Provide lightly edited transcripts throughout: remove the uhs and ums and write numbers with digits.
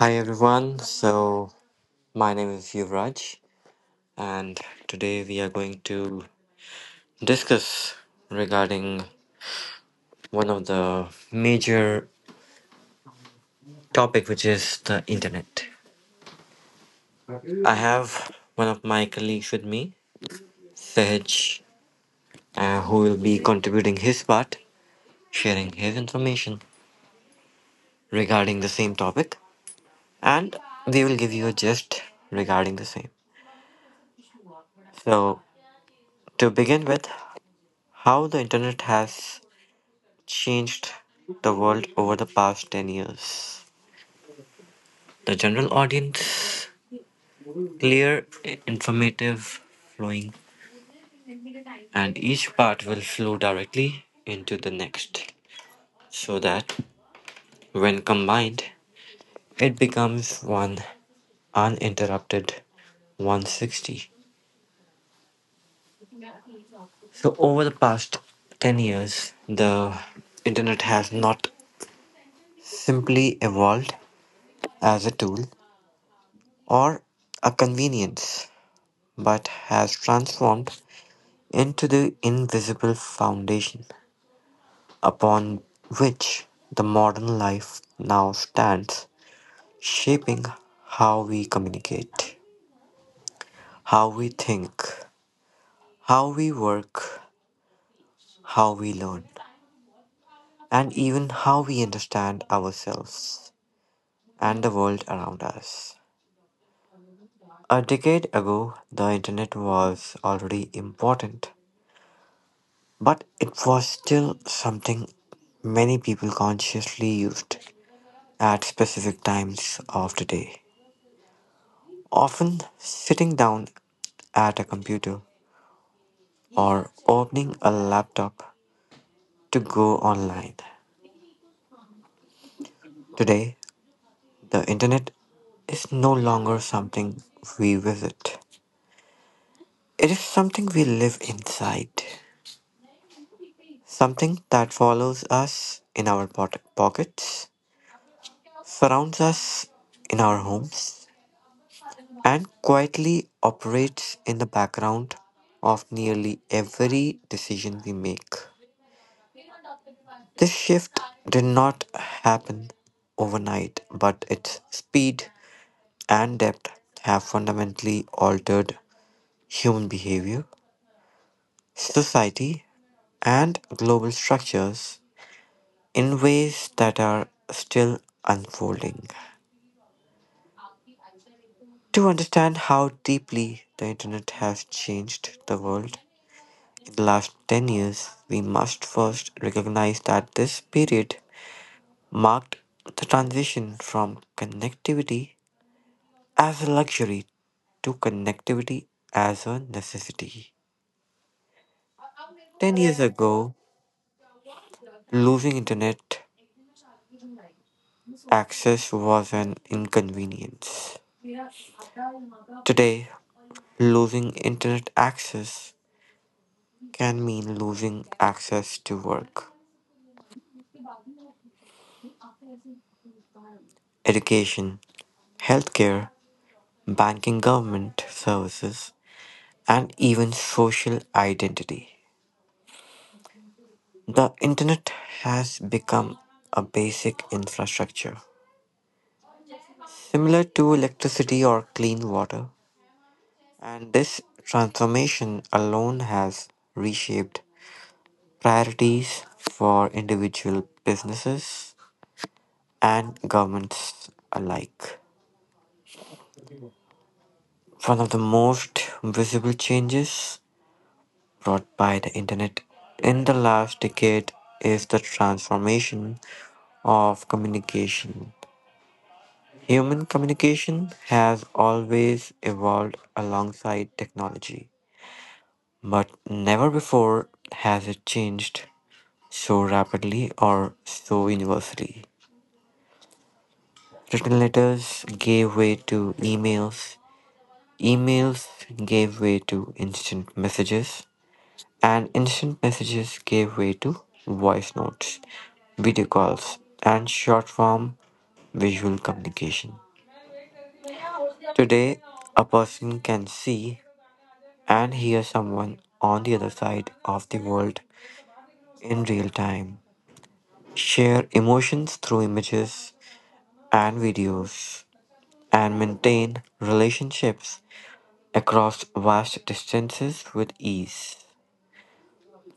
everyone. So my name is Yuvraj and today we are going to discuss regarding one of the major topic which is the internet. I have one of my colleagues with me, Sahaj, who will be contributing his part, sharing his information regarding the same topic and we will give you a gist regarding the same. So to begin with, how the internet has changed the world over the past 10 years. The general audience, clear, informative, flowing, and each part will flow directly into the next so that when combined, it becomes one uninterrupted 160. So, over the past 10 years, the internet has not simply evolved as a tool or a convenience, but has transformed into the invisible foundation upon which the modern life now stands, shaping how we communicate, how we think, how we work, how we learn, and even how we understand ourselves and the world around us. A decade ago, the internet was already important, but it was still something many people consciously used at specific times of the day, often sitting down at a computer or opening a laptop to go online. Today, the internet is no longer something we visit. It is something we live inside, something that follows us in our pockets, surrounds us in our homes, and quietly operates in the background of nearly every decision we make. This shift did not happen overnight, but its speed and depth have fundamentally altered human behavior, society, and global structures in ways that are still unfolding. To understand how deeply the internet has changed the world, in the last 10 years, we must first recognize that this period marked the transition from connectivity as a luxury to connectivity as a necessity. 10 years ago, losing internet access was an inconvenience. Today, losing internet access can mean losing access to work, education, healthcare, banking, government services, and even social identity. The internet has become a basic infrastructure, similar to electricity or clean water, and this transformation alone has reshaped priorities for individual businesses and governments alike. One of the most visible changes brought by the internet in the last decade is the transformation of communication. Human communication has always evolved alongside technology, but never before has it changed so rapidly or so universally. Written letters gave way to emails, emails gave way to instant messages, and instant messages gave way to voice notes, video calls, and short form visual communication. Today, a person can see and hear someone on the other side of the world in real time, share emotions through images and videos, and maintain relationships across vast distances with ease.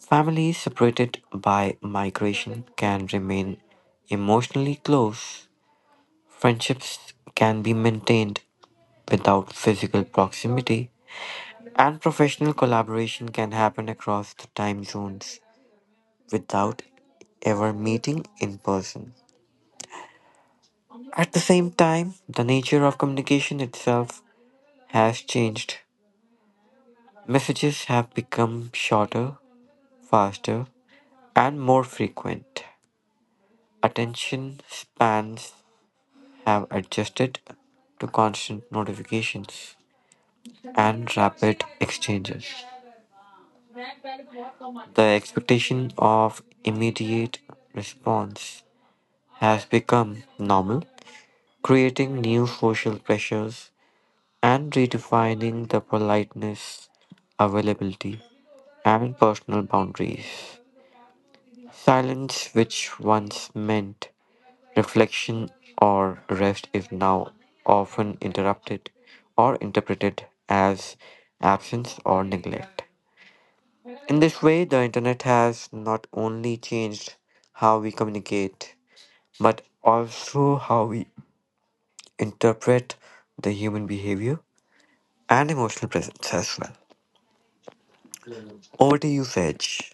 Families separated by migration can remain emotionally close. Friendships can be maintained without physical proximity, and professional collaboration can happen across the time zones without ever meeting in person. At the same time, the nature of communication itself has changed. Messages have become shorter, faster, and more frequent. Attention spans have adjusted to constant notifications and rapid exchanges. The expectation of immediate response has become normal, creating new social pressures and redefining the politeness, availability, and personal boundaries. Silence, which once meant reflection or rest, is now often interrupted or interpreted as absence or neglect. In this way, the internet has not only changed how we communicate, but also how we interpret the human behavior and emotional presence as well. Over to you, Sage.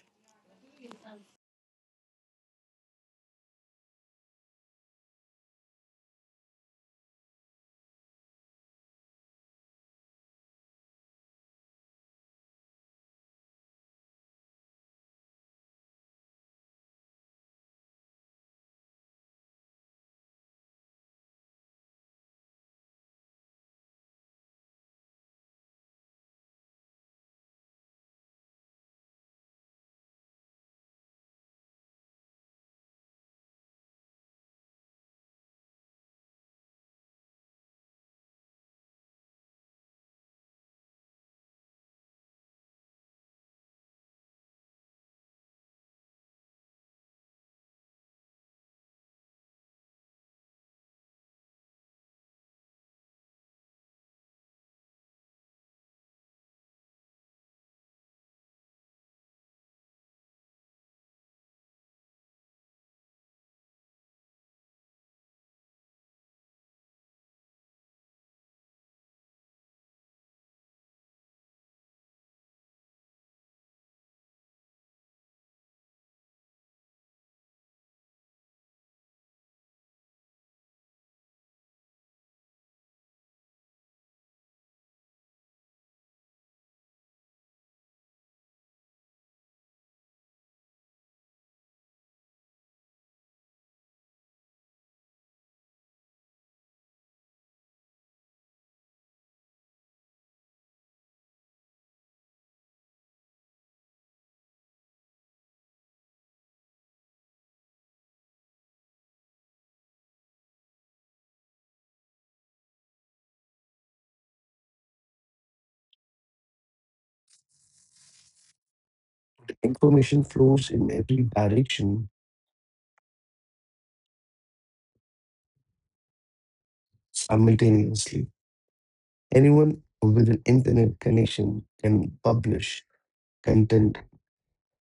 Information flows in every direction simultaneously. Anyone with an internet connection can publish content,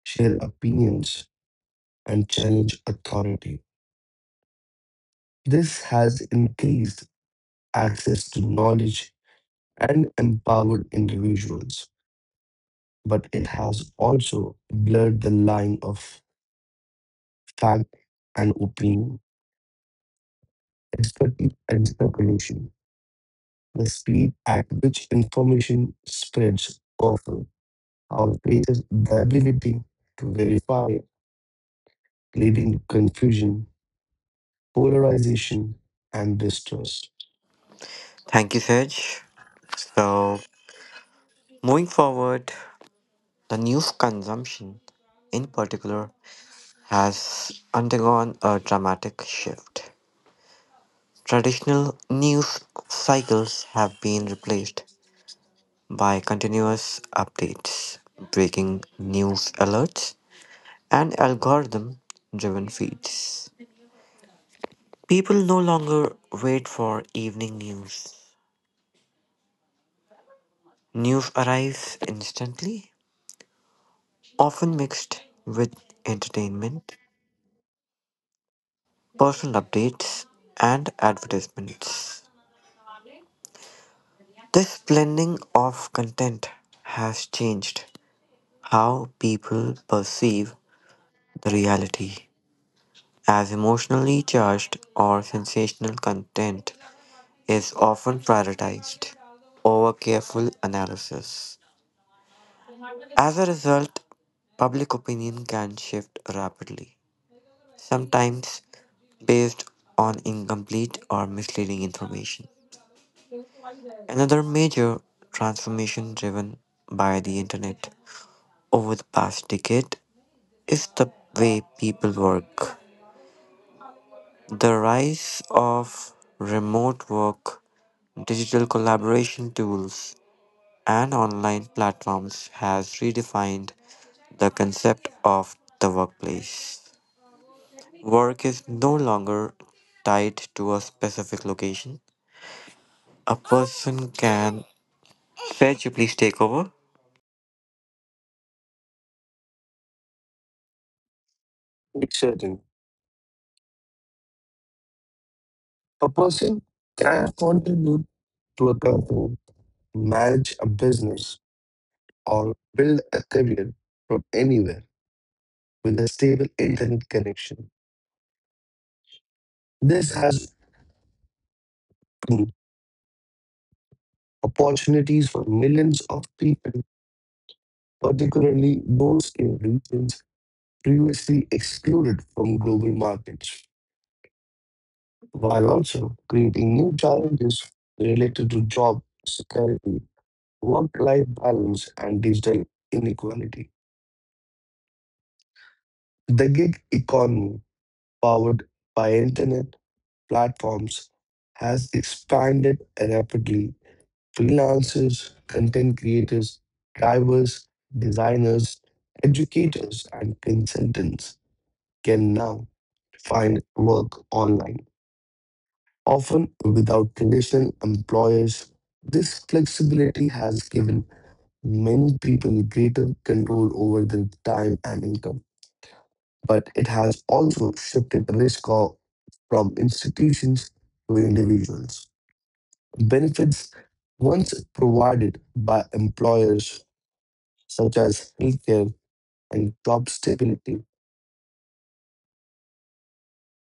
share opinions, and challenge authority. This has increased access to knowledge and empowered individuals, but it has also blurred the line of fact and opinion, expertise and speculation. The speed at which information spreads often our faith the ability to verify, leading to confusion, polarization, and distrust. Thank you, Sage. So, moving forward, the news consumption in particular has undergone a dramatic shift. Traditional news cycles have been replaced by continuous updates, breaking news alerts, and algorithm driven feeds. People no longer wait for evening news. News arrives instantly, often mixed with entertainment, personal updates, and advertisements. This blending of content has changed how people perceive the reality, as emotionally charged or sensational content is often prioritized over careful analysis. As a result, public opinion can shift rapidly, sometimes based on incomplete or misleading information. Another major transformation driven by the internet over the past decade is the way people work. The rise of remote work, digital collaboration tools, and online platforms has redefined the concept of the workplace. Work is no longer tied to a specific location. A person can. Saj, you please take over. Be certain. A person can contribute to a company, manage a business, or build a career from anywhere with a stable internet connection. This has opened opportunities for millions of people, particularly those in regions previously excluded from global markets, while also creating new challenges related to job security, work life balance, and digital inequality. The gig economy, powered by internet platforms, has expanded rapidly. Freelancers, content creators, drivers, designers, educators, and consultants can now find work online, often without traditional employers. This flexibility has given many people greater control over their time and income, but it has also shifted risk from institutions to individuals. Benefits once provided by employers, such as healthcare and job stability,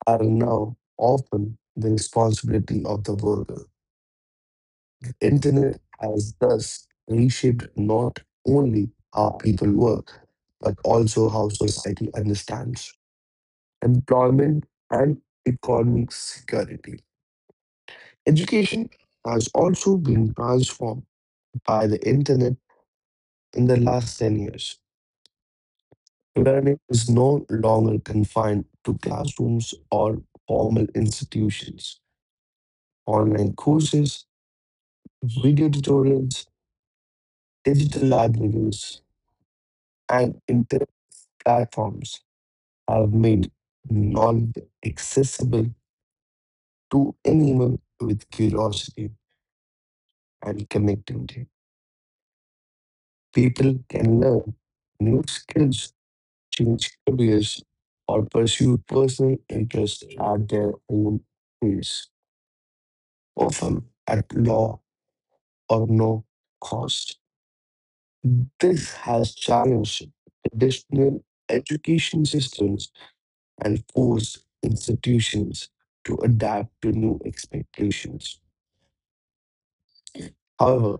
are now often the responsibility of the worker. Internet has thus reshaped not only how people work, but also how society understands employment and economic security. Education has also been transformed by the internet in the last 10 years. Learning is no longer confined to classrooms or formal institutions. Online courses, video tutorials, digital libraries, and internet platforms have made knowledge accessible to anyone with curiosity and connectivity. People can learn new skills, change careers, or pursue personal interests at their own pace, often at low or no cost. This has challenged traditional education systems and forced institutions to adapt to new expectations. However,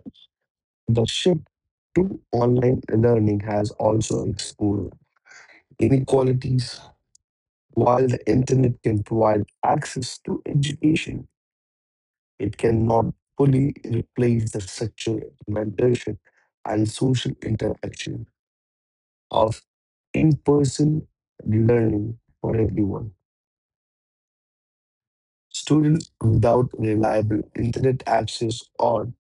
the shift to online learning has also exposed inequalities. While the internet can provide access to education, it cannot fully replace the structural mentorship and social interaction of in person learning for everyone. Students without reliable internet access or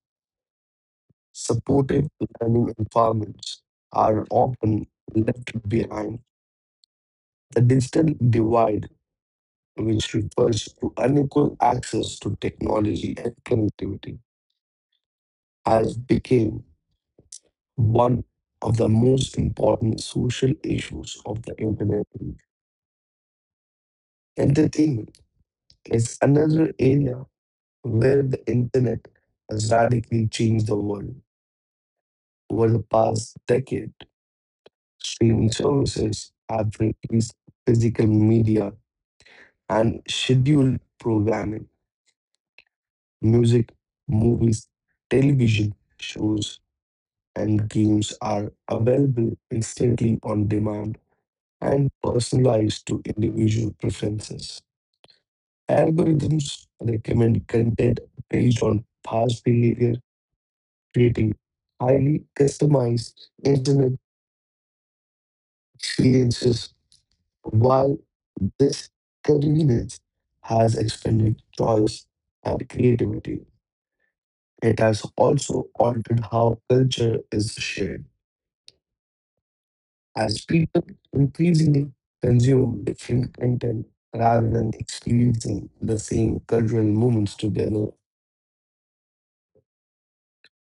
supportive learning environments are often left behind. The digital divide, which refers to unequal access to technology and connectivity, has become one of the most important social issues of the internet age. Entertainment is another area where the internet has radically changed the world. Over the past decade, streaming services have replaced physical media and scheduled programming. Music, movies, television shows, and games are available instantly on demand and personalized to individual preferences. Algorithms recommend content based on past behavior, creating highly customized internet experiences. While this convenience has expanded choice and creativity, it has also altered how culture is shared, as people increasingly consume different content rather than experiencing the same cultural moments together.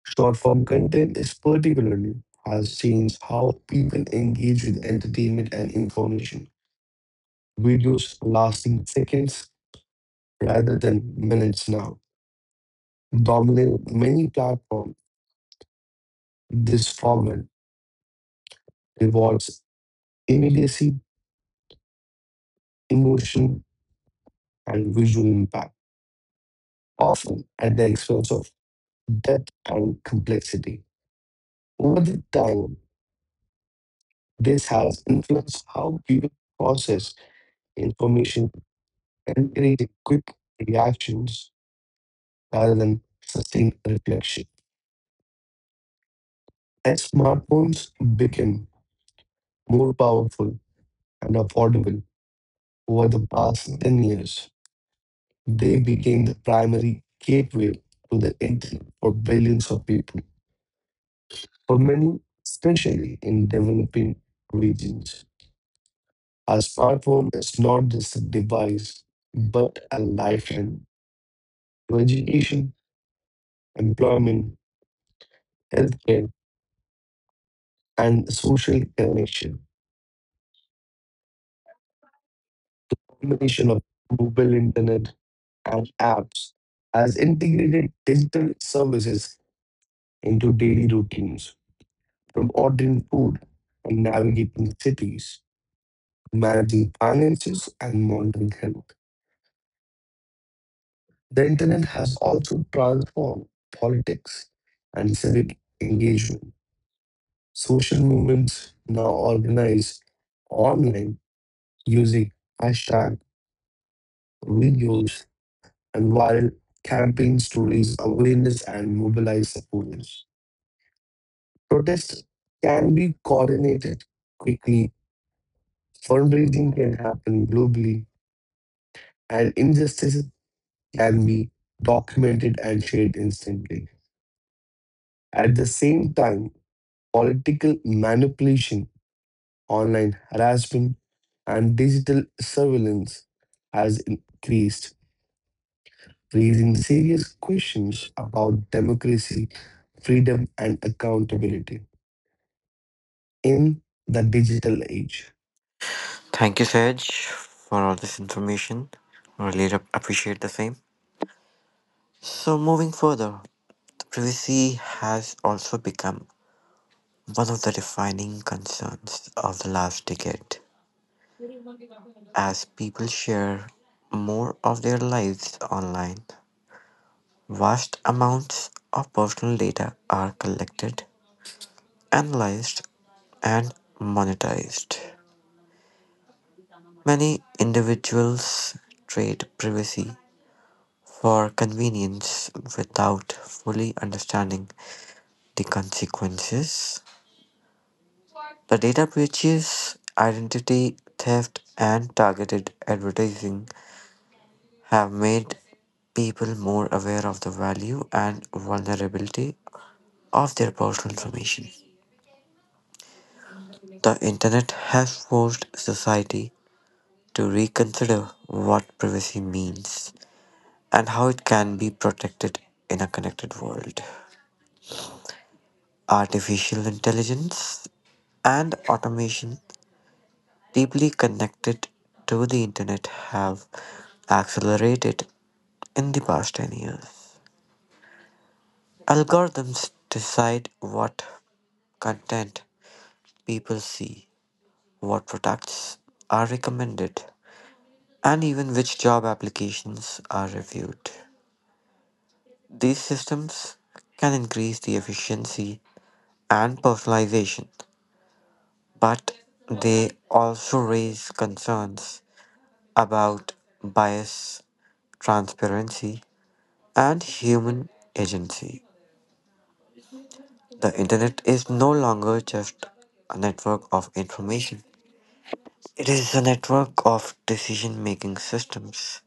Short form content is particularly has changed how people engage with entertainment and information. Videos lasting seconds rather than minutes now dominate many platforms. This format rewards immediacy, emotion, and visual impact, often at the expense of depth and complexity. Over the time, this has influenced how people process information, encouraging quick reactions rather than sustained reflection. As smartphones became more powerful and affordable over the past 10 years, they became the primary gateway to the internet for billions of people. For many, especially in developing regions, a smartphone is not just a device but a lifeline to education, employment, healthcare, and social connection. Combination of mobile internet and apps has integrated digital services into daily routines, from ordering food and navigating cities, managing finances and monitoring health. The internet has also transformed politics and civic engagement. Social movements now organize online using hashtag videos, and viral campaigns to raise awareness and mobilize supporters. Protests can be coordinated quickly, fundraising can happen globally, and injustices can be documented and shared instantly. At the same time, political manipulation, online harassment, and digital surveillance has increased, raising serious questions about democracy, freedom, and accountability in the digital age. Thank you, Saj, for all this information. Really appreciate the same. So, moving further, privacy has also become one of the defining concerns of the last decade. As people share more of their lives online, vast amounts of personal data are collected, analyzed, and monetized. Many individuals trade privacy for convenience without fully understanding the consequences. The data breaches, identity theft, and targeted advertising have made people more aware of the value and vulnerability of their personal information. The internet has forced society to reconsider what privacy means and how it can be protected in a connected world. Artificial intelligence and automation deeply connected to the internet have accelerated in the past 10 years. Algorithms decide what content people see, what products are recommended, and even which job applications are reviewed. These systems can increase the efficiency and personalization, but they also raise concerns about bias, transparency, and human agency. The internet is no longer just a network of information. It is a network of decision making systems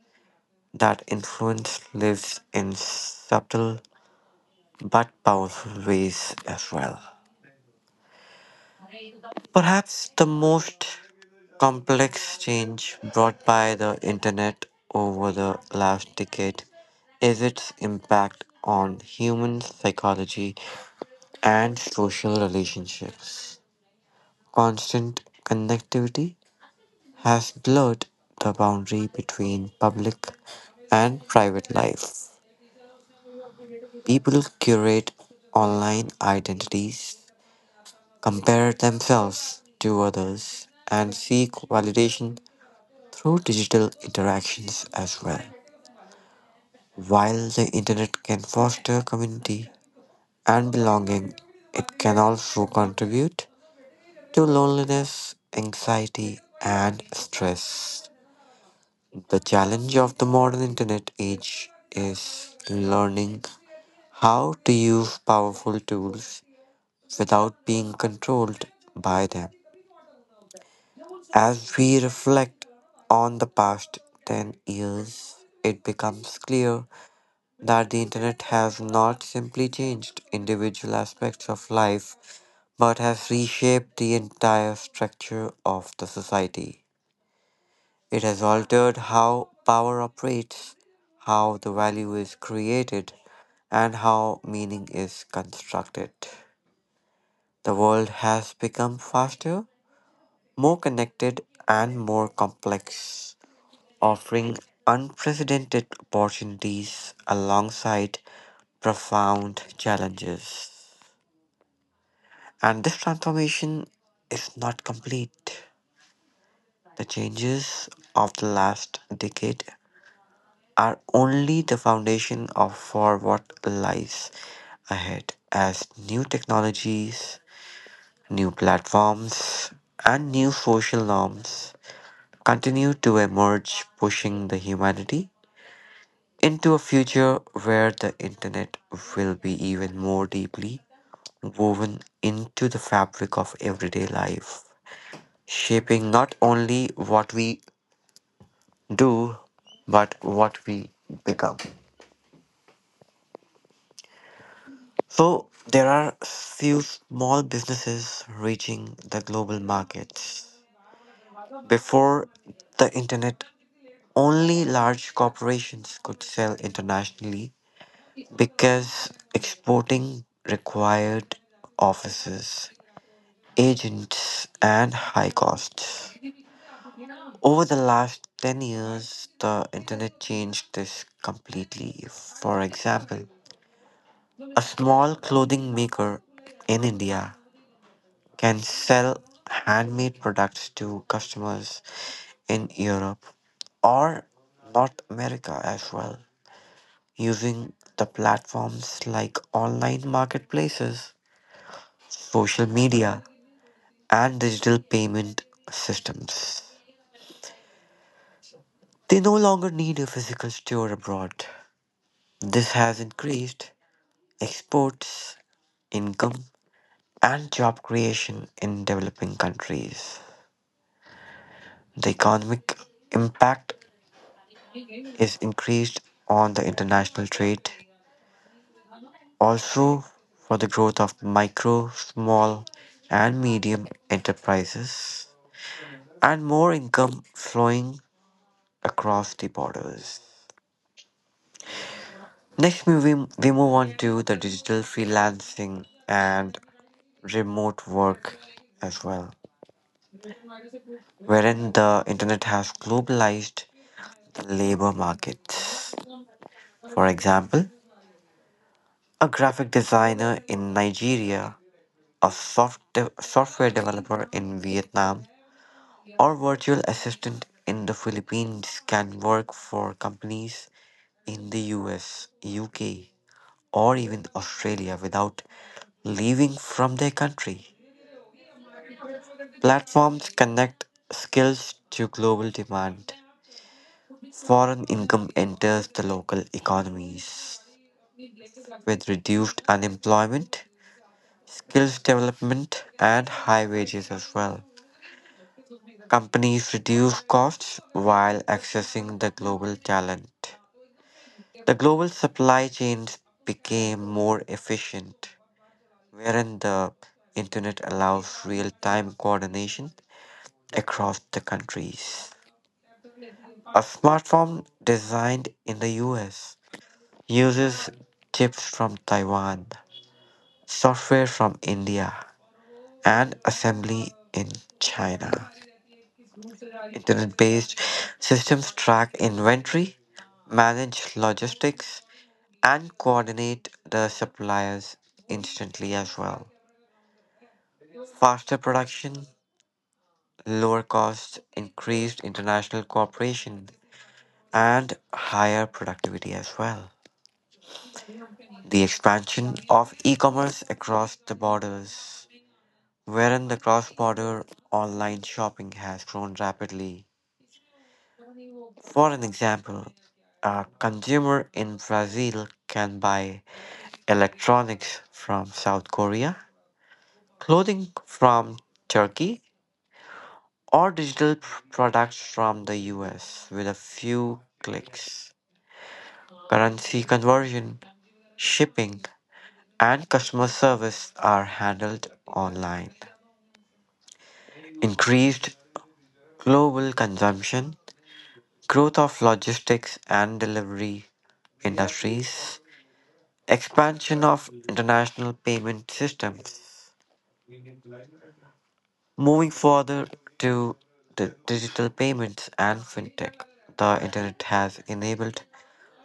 that influence lives in subtle but powerful ways as well. Perhaps the most complex change brought by the internet over the last decade is its impact on human psychology and social relationships. Constant connectivity has blurred the boundary between public and private life. People curate online identities, compare themselves to others, and seek validation through digital interactions as well. While the internet can foster community and belonging, it can also contribute to loneliness, anxiety, and stress. The challenge of the modern internet age is learning how to use powerful tools without being controlled by them. As we reflect on the past 10 years, it becomes clear that the internet has not simply changed individual aspects of life but has reshaped the entire structure of the society. It has altered how power operates, how the value is created, and how meaning is constructed. The world has become faster, more connected, and more complex, offering unprecedented opportunities alongside profound challenges. And this transformation is not complete. The changes of the last decade are only the foundation of for what lies ahead as new technologies, new platforms, and new social norms continue to emerge, pushing the humanity into a future where the internet will be even more deeply woven into the fabric of everyday life, shaping not only what we do, but what we become. So there are few small businesses reaching the global markets. Before the internet, only large corporations could sell internationally because exporting required offices, agents, and high costs. Over the last 10 years, the internet changed this completely. For example, a small clothing maker in India can sell handmade products to customers in Europe or North America as well, using the platforms like online marketplaces, social media, and digital payment systems. They no longer need a physical store abroad. This has increased exports, income, and job creation in developing countries. The economic impact is increased on the international trade, also for the growth of micro, small, and medium enterprises, and more income flowing across the borders. Next, we move on to the digital freelancing and remote work as well, wherein the internet has globalized the labor markets. For example, a graphic designer in Nigeria, a software developer in Vietnam, or virtual assistant in the Philippines can work for companies in the US, UK, or even Australia without leaving from their country. Platforms connect skills to global demand. Foreign income enters the local economies, with reduced unemployment, skills development, and high wages as well. Companies reduce costs while accessing the global talent. The global supply chains became more efficient, wherein the internet allows real time coordination across the countries. A smartphone designed in the US uses chips from Taiwan, software from India, and assembly in China. Internet based systems track inventory, manage logistics, and coordinate the suppliers instantly as well. Faster production, lower costs, increased international cooperation, and higher productivity as well. The expansion of e commerce across the borders, wherein the cross border online shopping has grown rapidly. For an example, a consumer in Brazil can buy electronics from South Korea, clothing from Turkey, or digital products from the US with a few clicks. Currency conversion, shipping, and customer service are handled online. Increased global consumption, growth of logistics and delivery industries, expansion of international payment systems. Moving further to the digital payments and fintech, the internet has enabled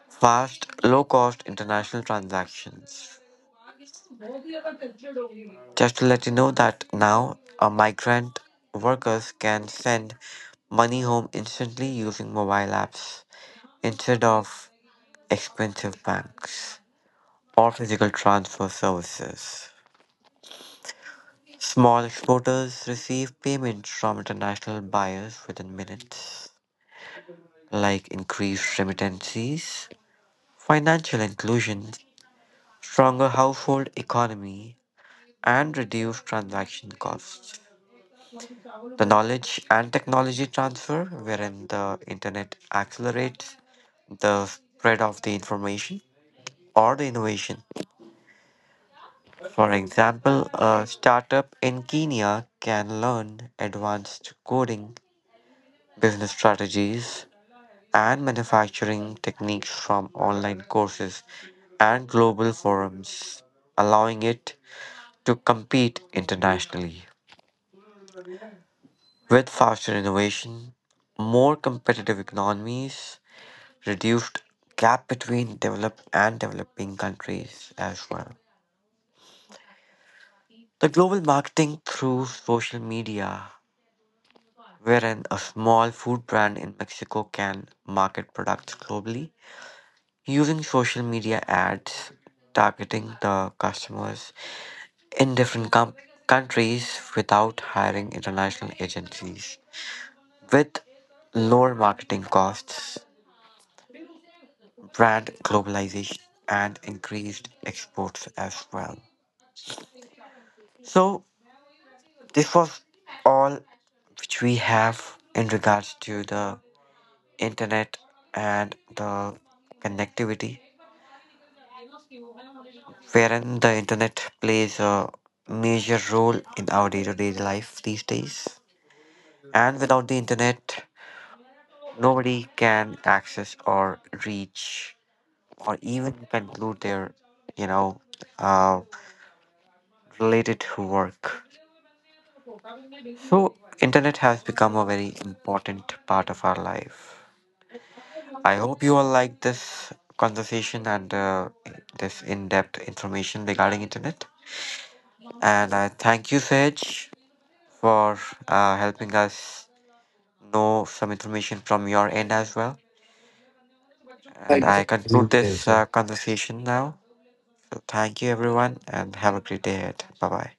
fast, low cost international transactions. Just to let you know that now a migrant workers can send money home instantly using mobile apps instead of expensive banks or physical transfer services. Small exporters receive payments from international buyers within minutes, like increased remittances, financial inclusion, stronger household economy, and reduced transaction costs. The knowledge and technology transfer, wherein the internet accelerates the spread of the information or the innovation. For example, a startup in Kenya can learn advanced coding, business strategies, and manufacturing techniques from online courses and global forums, allowing it to compete internationally. With faster innovation, more competitive economies, reduced gap between developed and developing countries as well. The global marketing through social media, wherein a small food brand in Mexico can market products globally, using social media ads targeting the customers in different countries without hiring international agencies. With lower marketing costs, brand globalization, and increased exports as well. So, this was all which we have in regards to the internet and the connectivity wherein the internet plays a major role in our day to day life these days. And without the internet, nobody can access or reach or even conclude their, you know, uh, related work. So, internet has become a very important part of our life. I hope you all like this conversation and this in-depth information regarding internet. And I thank you, Sage, for helping us know some information from your end as well. And Thank you I for conclude having me, Dev, this sir. Conversation now. So thank you, everyone, and have a great day ahead. Bye bye.